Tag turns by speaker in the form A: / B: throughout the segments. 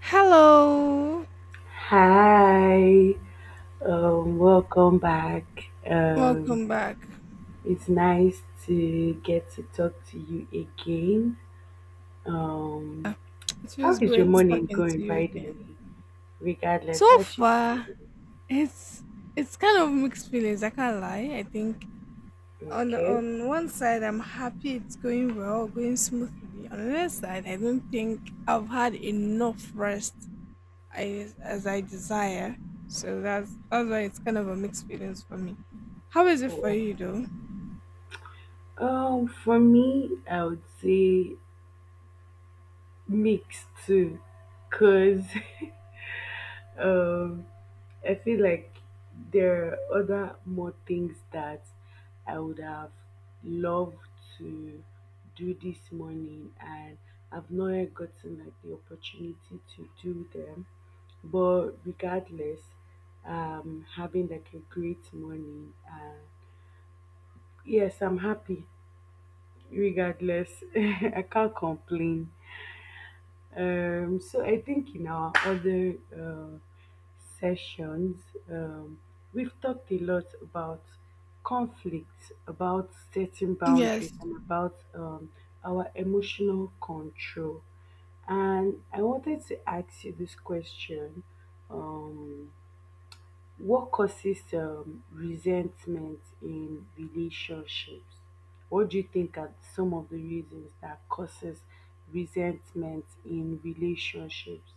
A: Hello,
B: Hi, welcome back. Um,
A: welcome back.
B: it's nice to get to talk to you again. Um,
A: It
B: how
A: feels
B: is your
A: great
B: morning
A: talking
B: going,
A: to you
B: by the
A: again.
B: way? Regardless,
A: So
B: how should
A: far, it's it's kind of mixed feelings. I can't lie. I think on
B: okay?
A: one side, I'm happy it's going well, going smoothly. On the other side, I don't think I've had enough rest as I desire. So that's why it's kind of a mixed feelings for me. How is it for you, though?
B: For me, I would say mixed too, cause um, I feel like there are other more things that I would have loved to do this morning, and I've not yet gotten like the opportunity to do them. But regardless, having like a great morning. Yes, I'm happy. Regardless, I can't complain. So I think in our other sessions, um, we've talked a lot about conflict, about setting
A: Yes.
B: boundaries, and about our emotional control. And I wanted to ask you this question. Um, what causes resentment in relationships? What do you think are some of the reasons that causes resentment in relationships?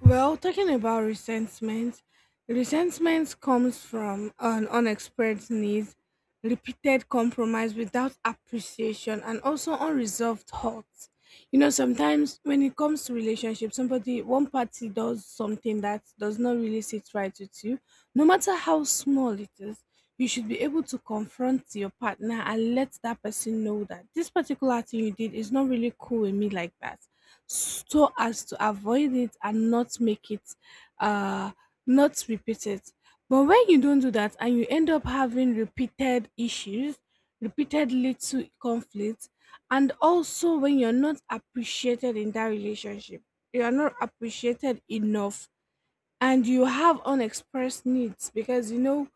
A: Well, talking about resentment, resentment comes from an unexpressed need, repeated compromise without appreciation, and also unresolved hurt. You know, sometimes when it comes to relationships, somebody, one party does something that does not really sit right with you, no matter how small it is, you should be able to confront your partner and let that person know that this particular thing you did is not really cool with me like that so as to avoid it and not make it uh not repeat it. But when you don't do that and you end up having repeated issues, repeated little conflicts. And also when you're not appreciated in that relationship, you are not appreciated enough, and you have unexpressed needs. Because you know,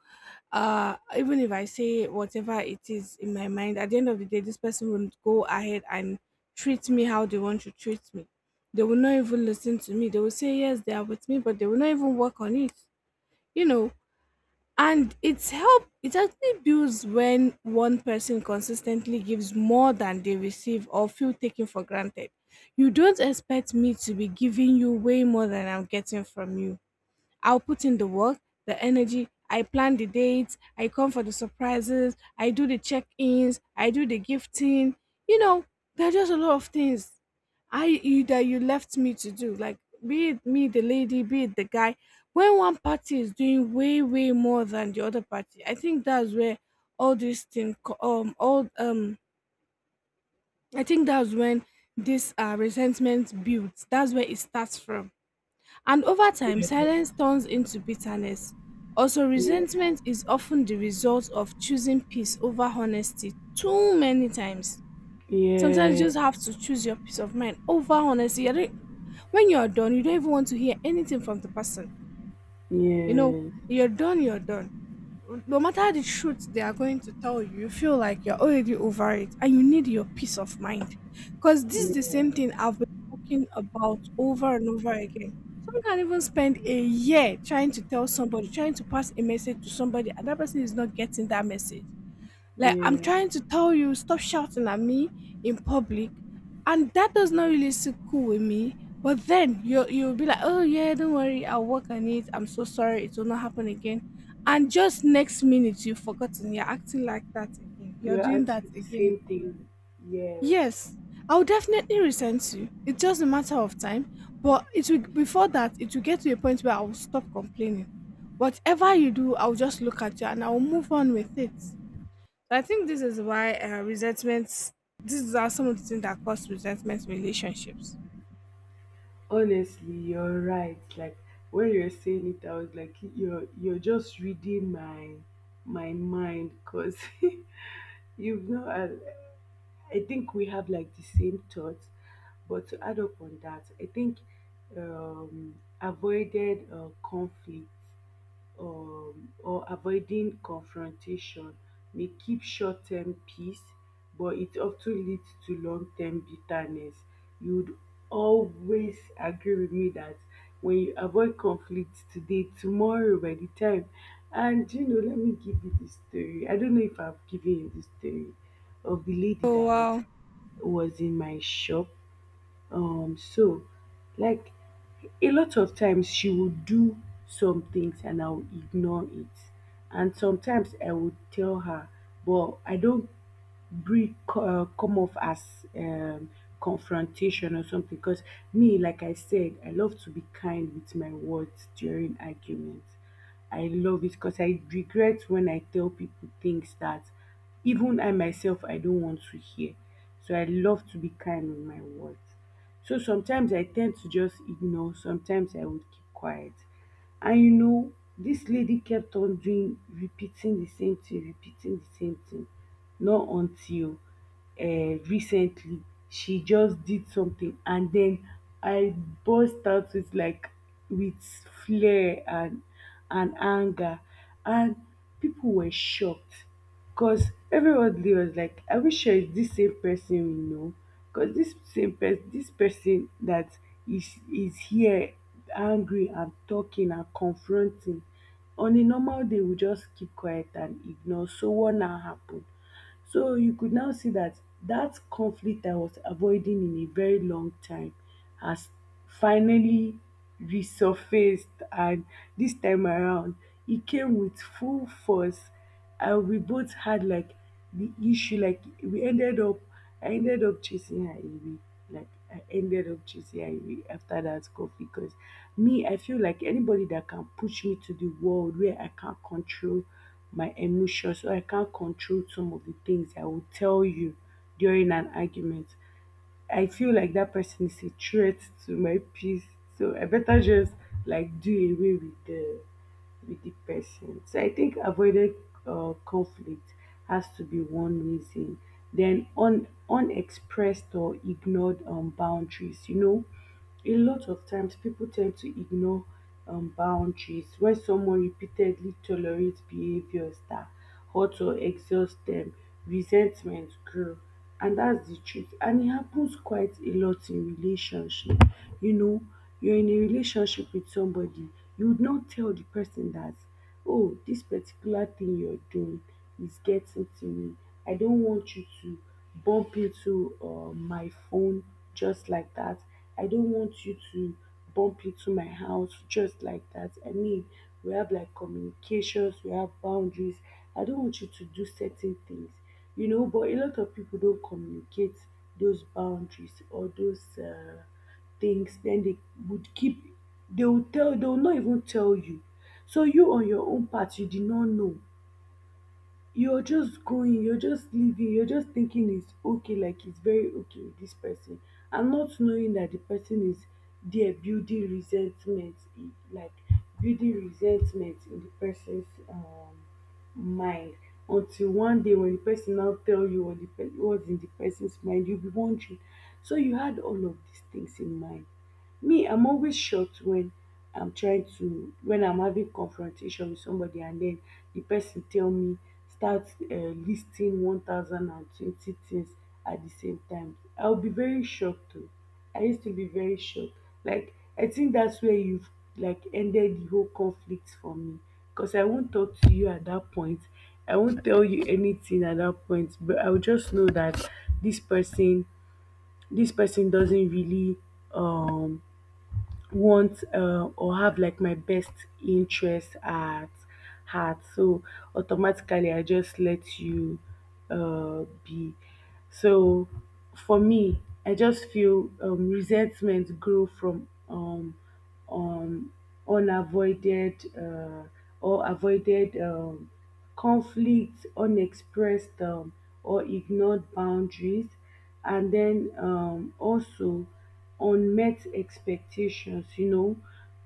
A: even if I say whatever it is in my mind, at the end of the day this person will go ahead and treat me how they want to treat me. They will not even listen to me. They will say yes, they are with me, but they will not even work on it, you know. And it actually builds when one person consistently gives more than they receive or feel taken for granted. You don't expect me to be giving you way more than I'm getting from you. I'll put in the work, the energy, I plan the dates, I come for the surprises, I do the check ins, I do the gifting. You know, there are just a lot of things I you that you left me to do. Like, be it me, the lady, be it the guy. When one party is doing way, way more than the other party, I think that's where all these things co- all I think that's when this resentment builds. That's where it starts from. And over time, silence turns into bitterness. Also,
B: Yeah,
A: resentment is often the result of choosing peace over honesty too many times. Sometimes
B: yeah,
A: you just have to choose your peace of mind over honesty. You don't- When you're done, you don't even want to hear anything from the person. You know,
B: yes,
A: you're done, no matter the truth they are going to tell you, you feel like you're already over it and you need your peace of mind. Because this is the
B: yeah,
A: same thing I've been talking about over and over again. Some can even spend a year trying to tell somebody, trying to pass a message to somebody, and that person is not getting that message. Like, I'm
B: yeah.
A: trying to tell you, stop shouting at me in public. And that does not really sit cool with me. But then you'll be like, oh, yeah, don't worry. I'll work on it. I'm so sorry. It will not happen again. And just next minute, you've forgotten. You're acting like that again. You're
B: You're
A: doing that
B: actually the
A: again.
B: same thing. Yes.
A: Yes, I'll definitely resent you. It's just a matter of time. But before that, it will get to a point where I will stop complaining. Whatever you do, I'll just look at you and I'll move on with it. I think this is why resentments. These are some of the things that cause resentment in relationships.
B: Honestly, you're right. Like when you're saying it, I was like, you're just reading my mind because you've not I think we have like the same thoughts, but to add up on that, I think um, avoided conflict or avoiding confrontation may keep short term peace, but it often leads to long term bitterness. You would always agree with me that when you avoid conflict today, tomorrow by the time, and let me give you the story. I don't know if I've given you the story of the lady
A: Oh,
B: that was
A: wow.
B: was in my shop, so like a lot of times she would do some things and I would ignore it. And sometimes I would tell her, but I don't bring come off as confrontation or something, because me, like I said, I love to be kind with my words during arguments. I love it because I regret when I tell people things that even I myself I don't want to hear, so I love to be kind with my words. So sometimes I tend to just ignore, sometimes I would keep quiet. And this lady kept on doing repeating the same thing, repeating the same thing. Not until uh, recently she just did something, and then I burst out with like with flair, and anger, and people were shocked, because everybody was like, I wish sure it's this same person we know. Because this same person, this person that is here angry and talking and confronting, on a normal day we just keep quiet and ignore. So what now happened? So you could now see that that conflict I was avoiding in a very long time has finally resurfaced. And this time around, it came with full force. And we both had like the issue, like we ended up, I ended up chasing her away. Like I ended up choosing Ivy after that coffee, because me, I feel like anybody that can push me to the world where I can't control my emotions, or I can't control some of the things I will tell you during an argument. I feel like that person is a threat to my peace. So I better just like do away with the person. So I think avoided conflict has to be one reason. Then unexpressed or ignored boundaries. A lot of times people tend to ignore boundaries when someone repeatedly tolerates behaviors that hurt or exhaust them. Resentment grows, and that's the truth, and it happens quite a lot in relationship. you know you're in a relationship with somebody, you would not tell the person that, oh, this particular thing you're doing is getting to me. I don't want you to bump into my phone just like that. I don't want you to bump into my house just like that. I mean, we have like communications, we have boundaries, I don't want you to do certain things, but a lot of people don't communicate those boundaries or those things. Then they would keep, they will tell, they will not even tell you. So you on your own part you did not know, you're just going, you're just living, you're just thinking it's okay, like it's very okay with this person. And not knowing that the person is there building resentment, like building resentment in the person's mind until one day when the person now tell you what's in the person's mind, you'll be wondering, so you had all of these things in mind. Me, I'm always shocked when I'm trying to when I'm having confrontation with somebody, and then the person tell me, start listing 10, 20 things. At the same time I'll be very shocked too. I used to be very sure. Like, I think that's where you've like ended the whole conflict for me. Because I won't talk to you at that point. I won't tell you anything at that point. But I'll just know that this person, this person doesn't really um want or have like my best interest at heart, so automatically I just let you be. So for me, I just feel resentment grow from um um, unavoided or avoided conflict, unexpressed or ignored boundaries, and then also unmet expectations,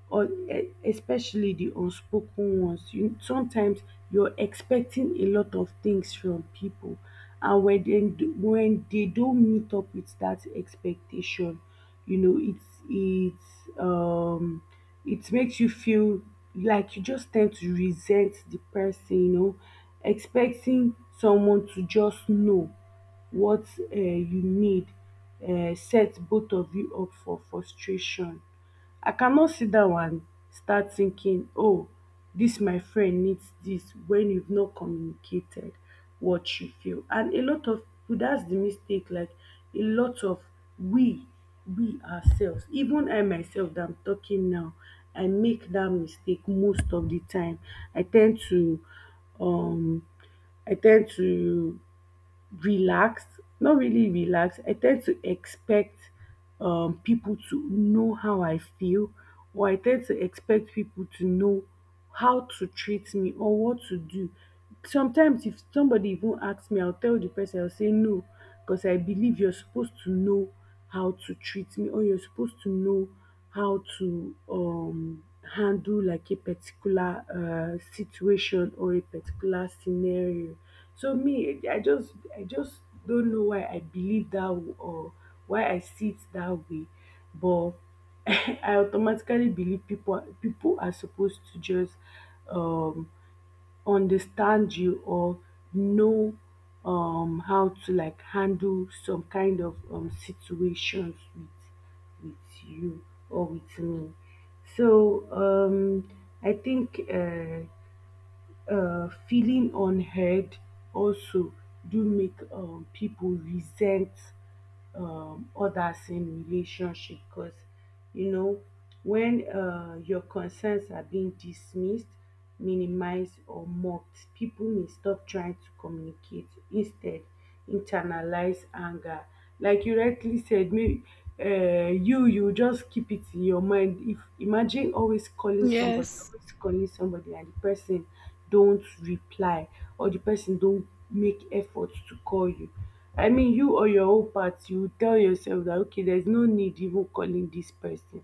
B: or especially the unspoken ones. You, sometimes you're expecting a lot of things from people, and when when they don't meet up with that expectation, you know it makes you feel like you just tend to resent the person. Expecting someone to just know what you need sets both of you up for frustration. I cannot sit down and start thinking, oh, this my friend needs this, when you've not communicated what you feel. And a lot of people, that's the mistake, like a lot of we we ourselves, even I myself that I'm talking now, I make that mistake most of the time. I tend to um i tend to relaxed, not really relaxed, I tend to expect people to know how I feel, or I tend to expect people to know how to treat me or what to do. Sometimes if somebody even asks me, I'll tell the person, I'll say no, because I believe you're supposed to know how to treat me, or you're supposed to know how to handle like a particular situation, or a particular scenario. So me, I just don't know why I believe that or why I see it that way. But I automatically believe people are supposed to just um understand you, or know how to like handle some kind of situations with you, or with me. So I think feeling unheard also do make people resent others in relationship, because you know when your concerns are being dismissed, minimized, or mocked, people may stop trying to communicate, instead internalize anger. Like you rightly said, maybe you just keep it in your mind. If imagine always calling somebody,
A: Yes,
B: always calling somebody, and the person don't reply, or the person don't make efforts to call you, I mean, you or your own part, you will tell yourself that okay, there's no need even calling this person.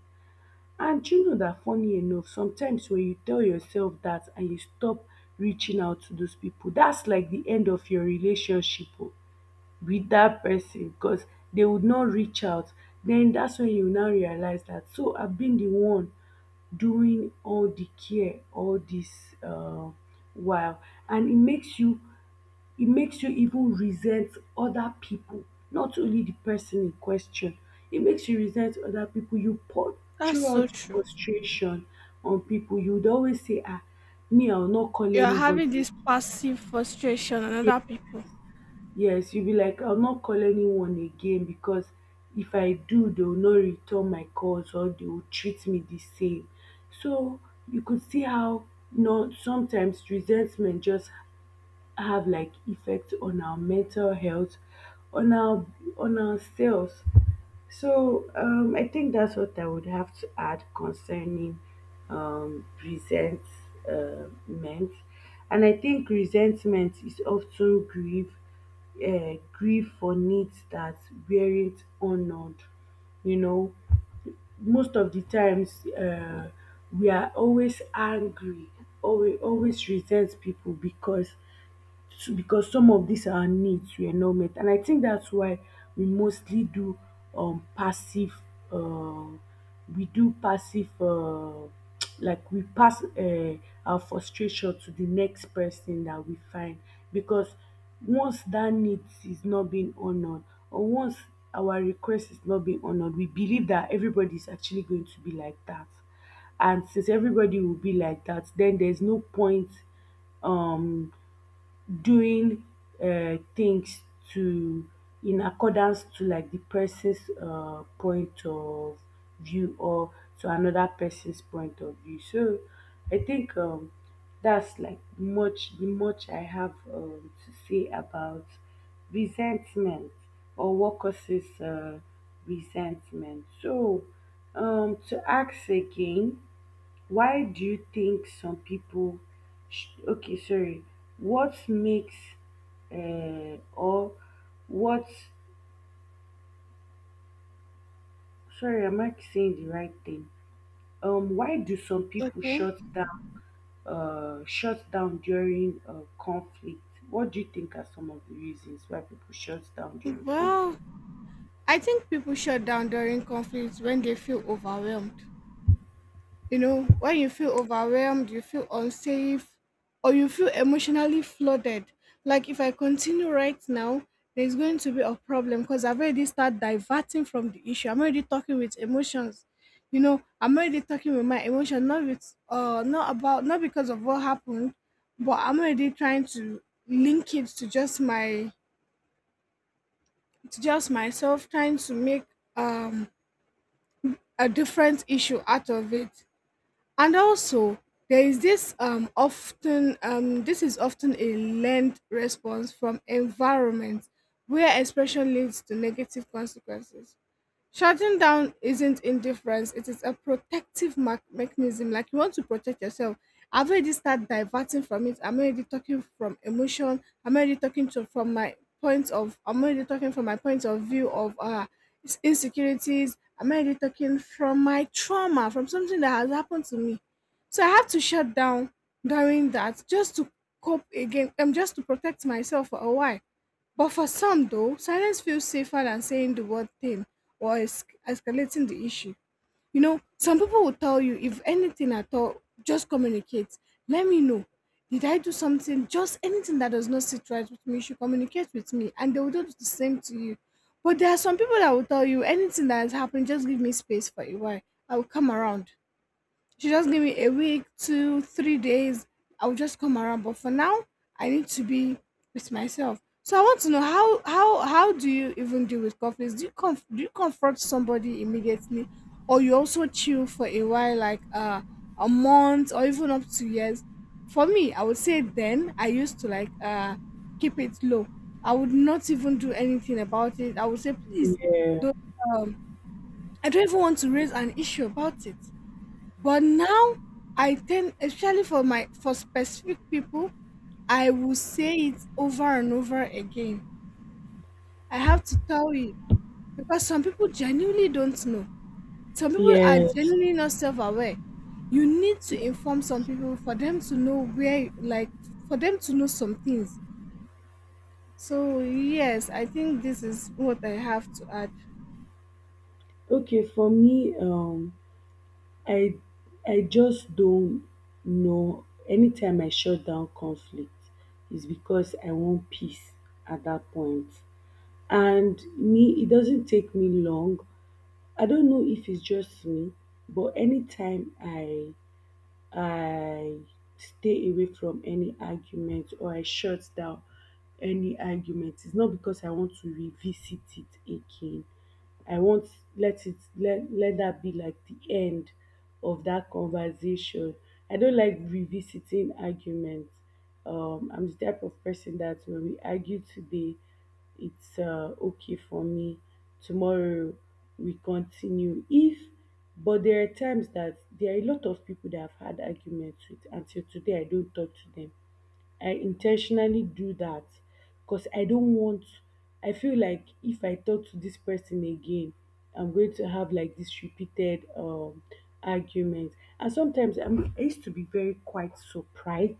B: And you know that funny enough, sometimes when you tell yourself that, and you stop reaching out to those people, that's like the end of your relationship o with that person, because they would not reach out. Then that's when you now realize that, so I've been the one doing all the care all this while. And it makes you even resent other people, not only the person in question. It makes you resent other people. You pour
A: that's so
B: out
A: true.
B: frustration on people. You would always say, ah, me, I'll not call
A: You are
B: anybody
A: having this passive frustration on
B: again.
A: other people.
B: Yes, you'll be like, I'll not call anyone again, because if I do, they will not return my calls, or they will treat me the same. So you could see how sometimes resentment just have like effect on our mental health, on our on ourselves. So I think that's what I would have to add concerning resentment. And I think resentment is often grief, for needs that weren't honored. You know most of the times, we are always angry or we always resent people because to because some of these our needs were not met, and I think that's why we mostly do passive, uh, we do passive uh, like we pass our frustration to the next person that we find, because once that need is not being honored, or once our request is not being honored, we believe that everybody is actually going to be like that. And since everybody will be like that, then there's no point um doing things to in accordance to like the person's point of view, or to another person's point of view. So I think that's like much I have to say about resentment, or what causes resentment. So to ask again, why do you think some people okay, sorry, what makes or what, sorry, am I saying the right thing? Why do some people
A: Okay.
B: shut down during conflict? What do you think are some of the reasons why people shut down during conflict?
A: Well, I think people shut down during conflicts when they feel overwhelmed. You know, when you feel overwhelmed, you feel unsafe, or you feel emotionally flooded. Like if I continue right now, there's going to be a problem because I've already started diverting from the issue. I'm already talking with emotions. You know, I'm already talking with my emotion, not with not about not because of what happened, but I'm already trying to link it to just myself, trying to make um a different issue out of it. And also, there is this often this is often a learned response from environment where expression leads to negative consequences. Shutting down isn't indifference, it is a protective mechanism. Like you want to protect yourself. I've already started diverting from it. I'm already talking from emotion. I'm already talking to from my point of I'm already talking from my point of view of insecurities. I'm already talking from my trauma, from something that has happened to me. So I have to shut down during that just to cope again, just to protect myself for a while. But for some, though, silence feels safer than saying the word thing or escalating the issue. You know, some people will tell you, if anything at all, just communicate. Let me know. Did I do something? Just anything that does not sit right with me, you should communicate with me. And they will do the same to you. But there are some people that will tell you, anything that has happened, just give me space for a while. I will come around. She just give me a week, 2, 3 days. I'll just come around. But for now, I need to be with myself. So I want to know how do you even deal with conflicts? Do you confront somebody immediately, or you also chill for a while, like a month or even up to years? For me, I would say then I used to like keep it low. I would not even do anything about it. I would say please
B: Yeah.
A: don't. Um, I don't even want to raise an issue about it. But now I tend, especially for my for specific people, I will say it over and over again. I have to tell you because some people genuinely don't know. Some people are
B: Yes.
A: genuinely not self-aware. You need to inform some people for them to know where, like, for them to know some things. So yes, I think this is what I have to add.
B: Okay, for me, I I just don't know. Anytime I shut down conflict, it's because I want peace at that point. And me, it doesn't take me long. I don't know if it's just me, but anytime I stay away from any argument, or I shut down any argument, it's not because I want to revisit it again. I won't let it let let that be like the end of that conversation. I don't like revisiting arguments. I'm the type of person that when we argue today, it's okay for me. Tomorrow we continue. If but there are times that there are a lot of people that I've had arguments with until today, I don't talk to them. I intentionally do that because I don't want, I feel like if I talk to this person again, I'm going to have like this repeated argument. And sometimes I used to be very quite surprised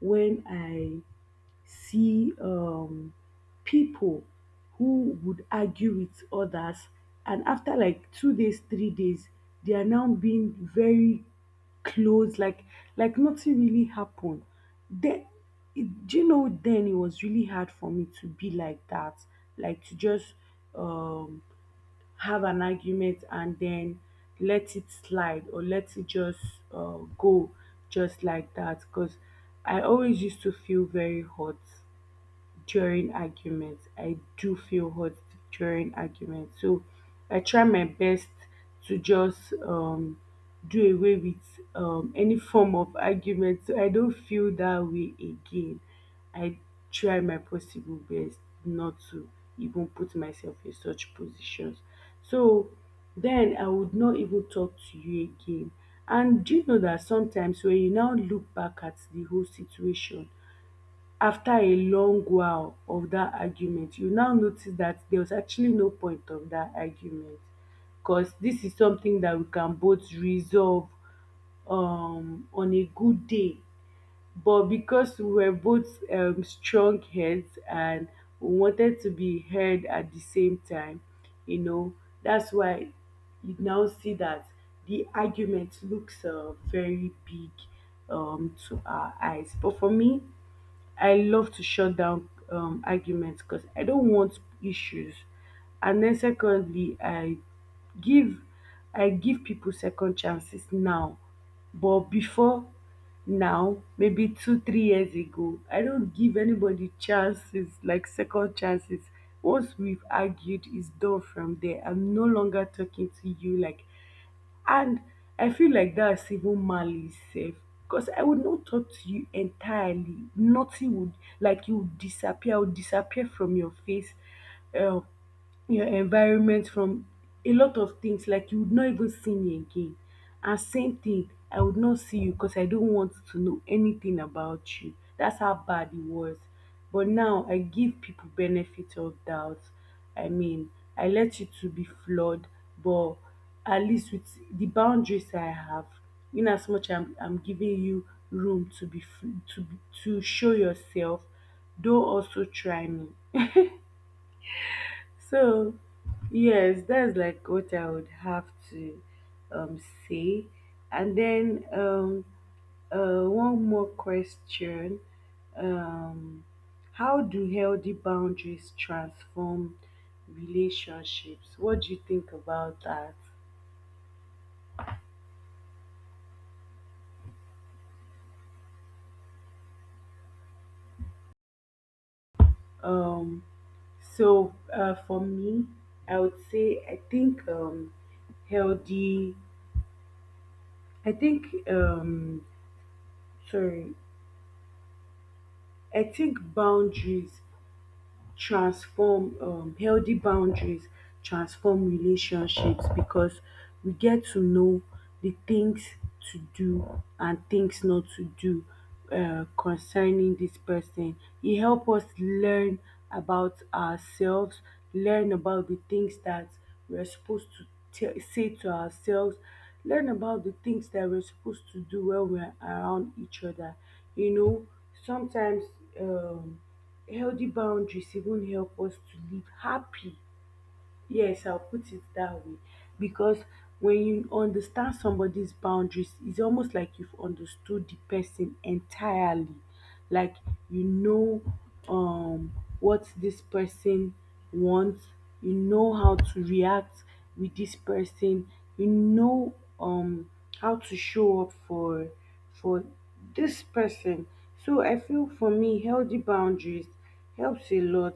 B: when I see people who would argue with others, and after like 2 days 3 days they are now being very close, like nothing really happened. Then do you know, then it was really hard for me to be like that, like to just um have an argument and then let it slide, or let it just go just like that, because I always used to feel very hot during arguments. I do feel hot during arguments. So I try my best to just do away with any form of argument, so I don't feel that way again. I try my possible best not to even put myself in such positions. So then I would not even talk to you again. And do you know that sometimes when you now look back at the whole situation, after a long while of that argument, you now notice that there was actually no point of that argument, because this is something that we can both resolve on a good day. But because we were both strong heads, and we wanted to be heard at the same time, you know, that's why you now see that the argument looks very big to our eyes. But for me, I love to shut down arguments because I don't want issues. And then secondly, give I give people second chances now, but before now, maybe 2 or 3 years ago, I don't give anybody chances, like second chances. Once we've argued, it's done from there. I'm no longer talking to you, like, and I feel like that's even malice safe, because I would not talk to you entirely. Nothing would, like, you would disappear, I would disappear from your face. Um your environment, from a lot of things, like you would not even see me again, and same thing, I would not see you, because I don't want to know anything about you. That's how bad it was. But now I give people benefit of doubt. I mean, I let you to be flawed, but at least with the boundaries I have, in as much I'm giving you room to be to show yourself, don't also try me. So yes, that's like what I would have to um, say. And then one more question. Um, how do healthy boundaries transform relationships? What do you think about that? Um, so, for me, I would say, healthy, I think, um, sorry, I think boundaries transform healthy boundaries transform relationships because we get to know the things to do and things not to do concerning this person. It help us learn about ourselves, learn about the things that we're supposed to tell say to ourselves, learn about the things that we're supposed to do when we're around each other. You know, sometimes um healthy boundaries even help us to live happy. Yes, I'll put it that way. Because when you understand somebody's boundaries, it's almost like you've understood the person entirely. Like, you know um what this person wants, you know how to react with this person, you know um how to show up for this person. So I feel, for me, healthy boundaries helps a lot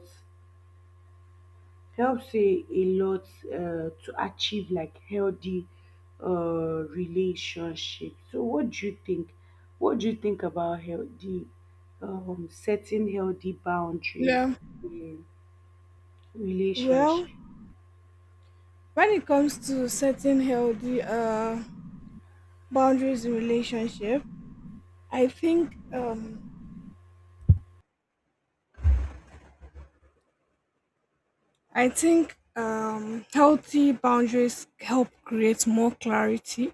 B: help say a lot to achieve like healthy relationship. So what do you think? What do you think about healthy setting healthy boundaries
A: Yeah.
B: in
A: Well,
B: relationship?
A: when it comes to setting healthy boundaries in relationship, I think um, I think healthy boundaries help create more clarity.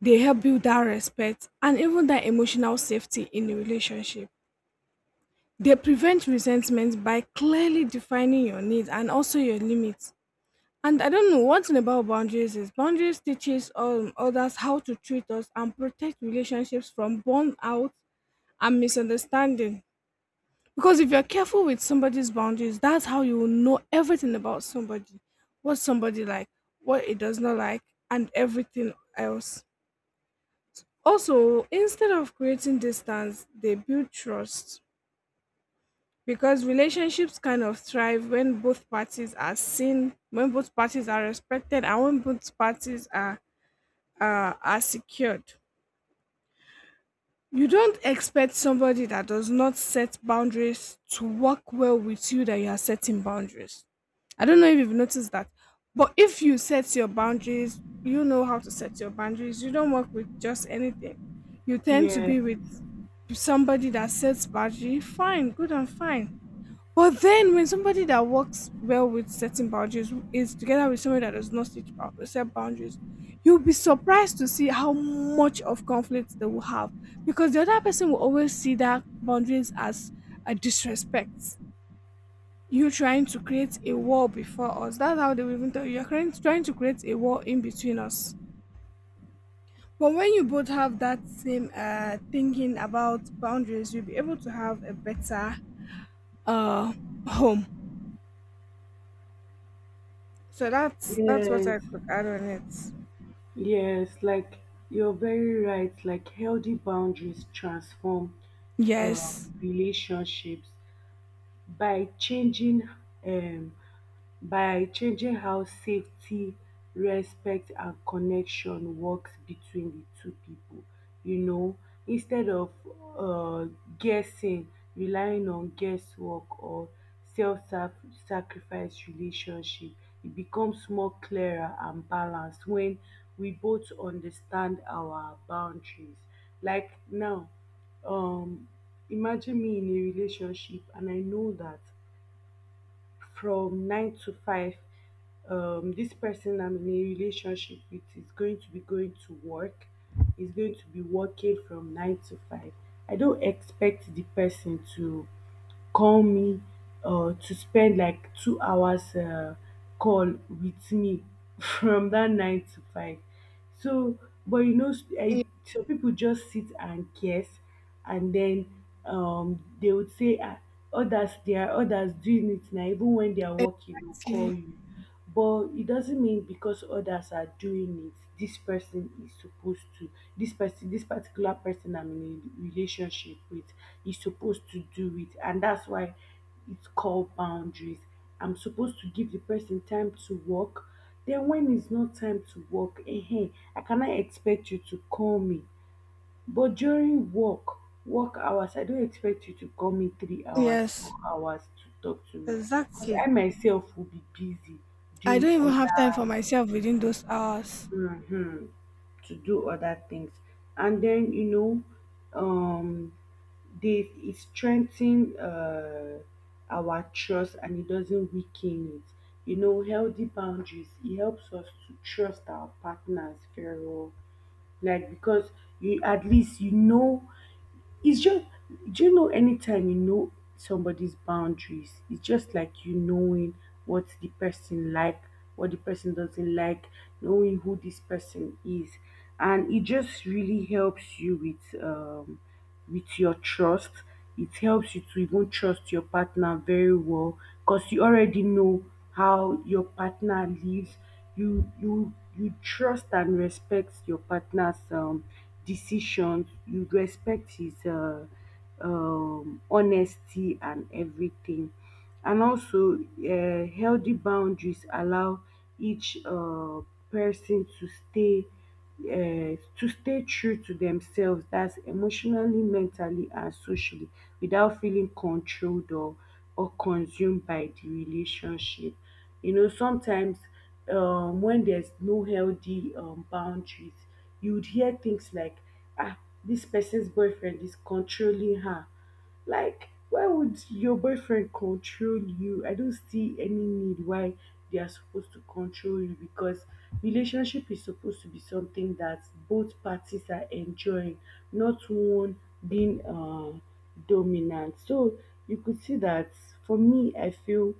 A: They help build that respect and even that emotional safety in the relationship. They prevent resentment by clearly defining your needs and also your limits. And I don't know, one thing about boundaries is boundaries teaches others how to treat us and protect relationships from burnout and misunderstanding. Because if you're careful with somebody's boundaries, that's how you will know everything about somebody, what somebody like, what it does not like, and everything else. Also, instead of creating distance, they build trust, because relationships kind of thrive when both parties are seen, when both parties are respected, and when both parties are secured. You don't expect somebody that does not set boundaries to work well with you that you are setting boundaries. I don't know if you've noticed that, but if you set your boundaries, you know how to set your boundaries. You don't work with just anything. You tend to
B: Yeah,
A: be with somebody that sets boundaries. Fine, good and fine. But then when somebody that works well with setting boundaries is together with somebody that does not set boundaries, you'll be surprised to see how much of conflict they will have, because the other person will always see that boundaries as a disrespect. You trying to create a wall before us. That's how they will even tell you. You're trying to create a wall in between us. But when you both have that same thinking about boundaries, you'll be able to have a better uh, home. So that's what I
B: yes,
A: could add on it.
B: yes, like you're very right. Like healthy boundaries transform
A: Yes.
B: relationships by changing um how safety, respect, and connection works between the two people. you know Instead of uh, guessing, relying on guesswork or self-sacrifice relationship, it becomes more clearer and balanced when we both understand our boundaries. Like now, um imagine me in a relationship, and I know that from 9 to 5, this person I'm in a relationship with is going to be going to work is going to be working from 9 to 5. I don't expect the person to call me, to spend like 2 hours call with me from that 9 to 5. So, but
A: Yeah.
B: some people just sit and guess, and then they would say, ah, others they are others doing it now, even when they are working, will call
A: Exactly.
B: you. But it doesn't mean because others are doing it, this person is supposed to this person this particular person I'm in a relationship with is supposed to do it, and that's why it's called boundaries. I'm supposed to give the person time to work. Then when it's not time to work, ehen, I cannot expect you to call me. But during work hours, I don't expect you to call me 3 hours, 4
A: Yes.
B: hours to talk to me, because I
A: Exactly.
B: myself will be busy
A: I
B: doing
A: don't even have time for
B: other,
A: myself within those hours.
B: mhm, to do other things. And then, you know, um they it strengthen our trust, and it doesn't weaken it. Healthy boundaries, it helps us to trust our partners very well. Like because you, at least you know, it's just, do you know, anytime you know somebody's boundaries, it's just like you knowing what the person like, what the person doesn't like, knowing who this person is. And it just really helps you with your trust. It helps you to even trust your partner very well because you already know how your partner lives. You trust and respect your partner's decisions, you respect his honesty and everything. And also, healthy boundaries allow each person to stay true to themselves, that's emotionally, mentally, and socially, without feeling controlled or consumed by the relationship. You know, sometimes when there's no healthy boundaries, you would hear things like, ah, this person's boyfriend is controlling her. Like, why would your boyfriend control you? I don't see any need why they are supposed to control you, because relationship is supposed to be something that both parties are enjoying, not one being dominant. So you could see that for me,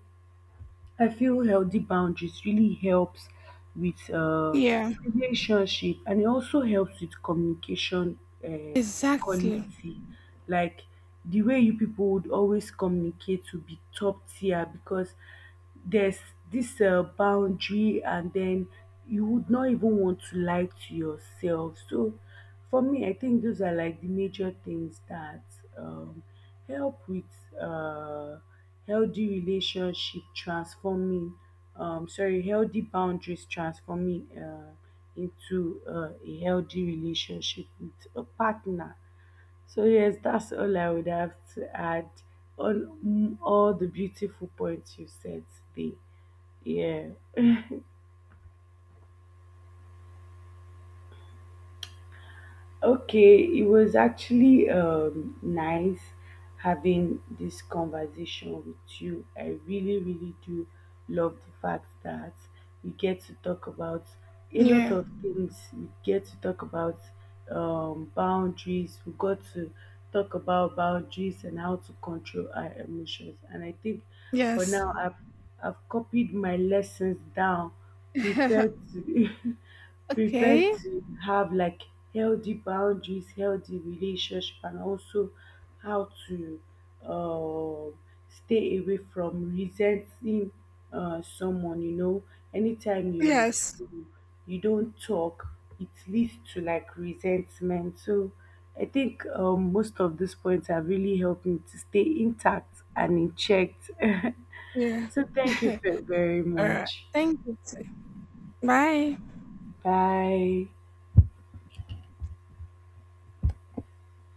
B: I feel healthy boundaries really helps with
A: Yeah.
B: relationship, and it also helps with communication uh,
A: Exactly.
B: quality. Like the way you people would always communicate to be top tier, because there's this boundary, and then you would not even want to lie to yourself. So for me, I think those are like the major things that um, help with. Uh, healthy relationship transforming sorry healthy boundaries transforming into a healthy relationship with a partner. So yes, that's all I would have to add on, all the beautiful points you said today. Yeah. Okay, it was actually nice having this conversation with you. I really, really do love the fact that we get to talk about a lot
A: Yeah.
B: of things. We get to talk about boundaries. We got to talk about boundaries and how to control our emotions. And I think for
A: Yes.
B: now, I've copied my lessons down, prepared to. Prepare
A: Okay.
B: to have like healthy boundaries, healthy relationship, and also how to um stay away from resenting someone. Anytime you
A: Yes.
B: don't talk, it leads to like resentment. So I think most of these points have really helped me to stay intact and in check.
A: Yeah.
B: So thank you, Phil, very
A: All right.
B: much.
A: Thank you, too. Bye.
B: Bye.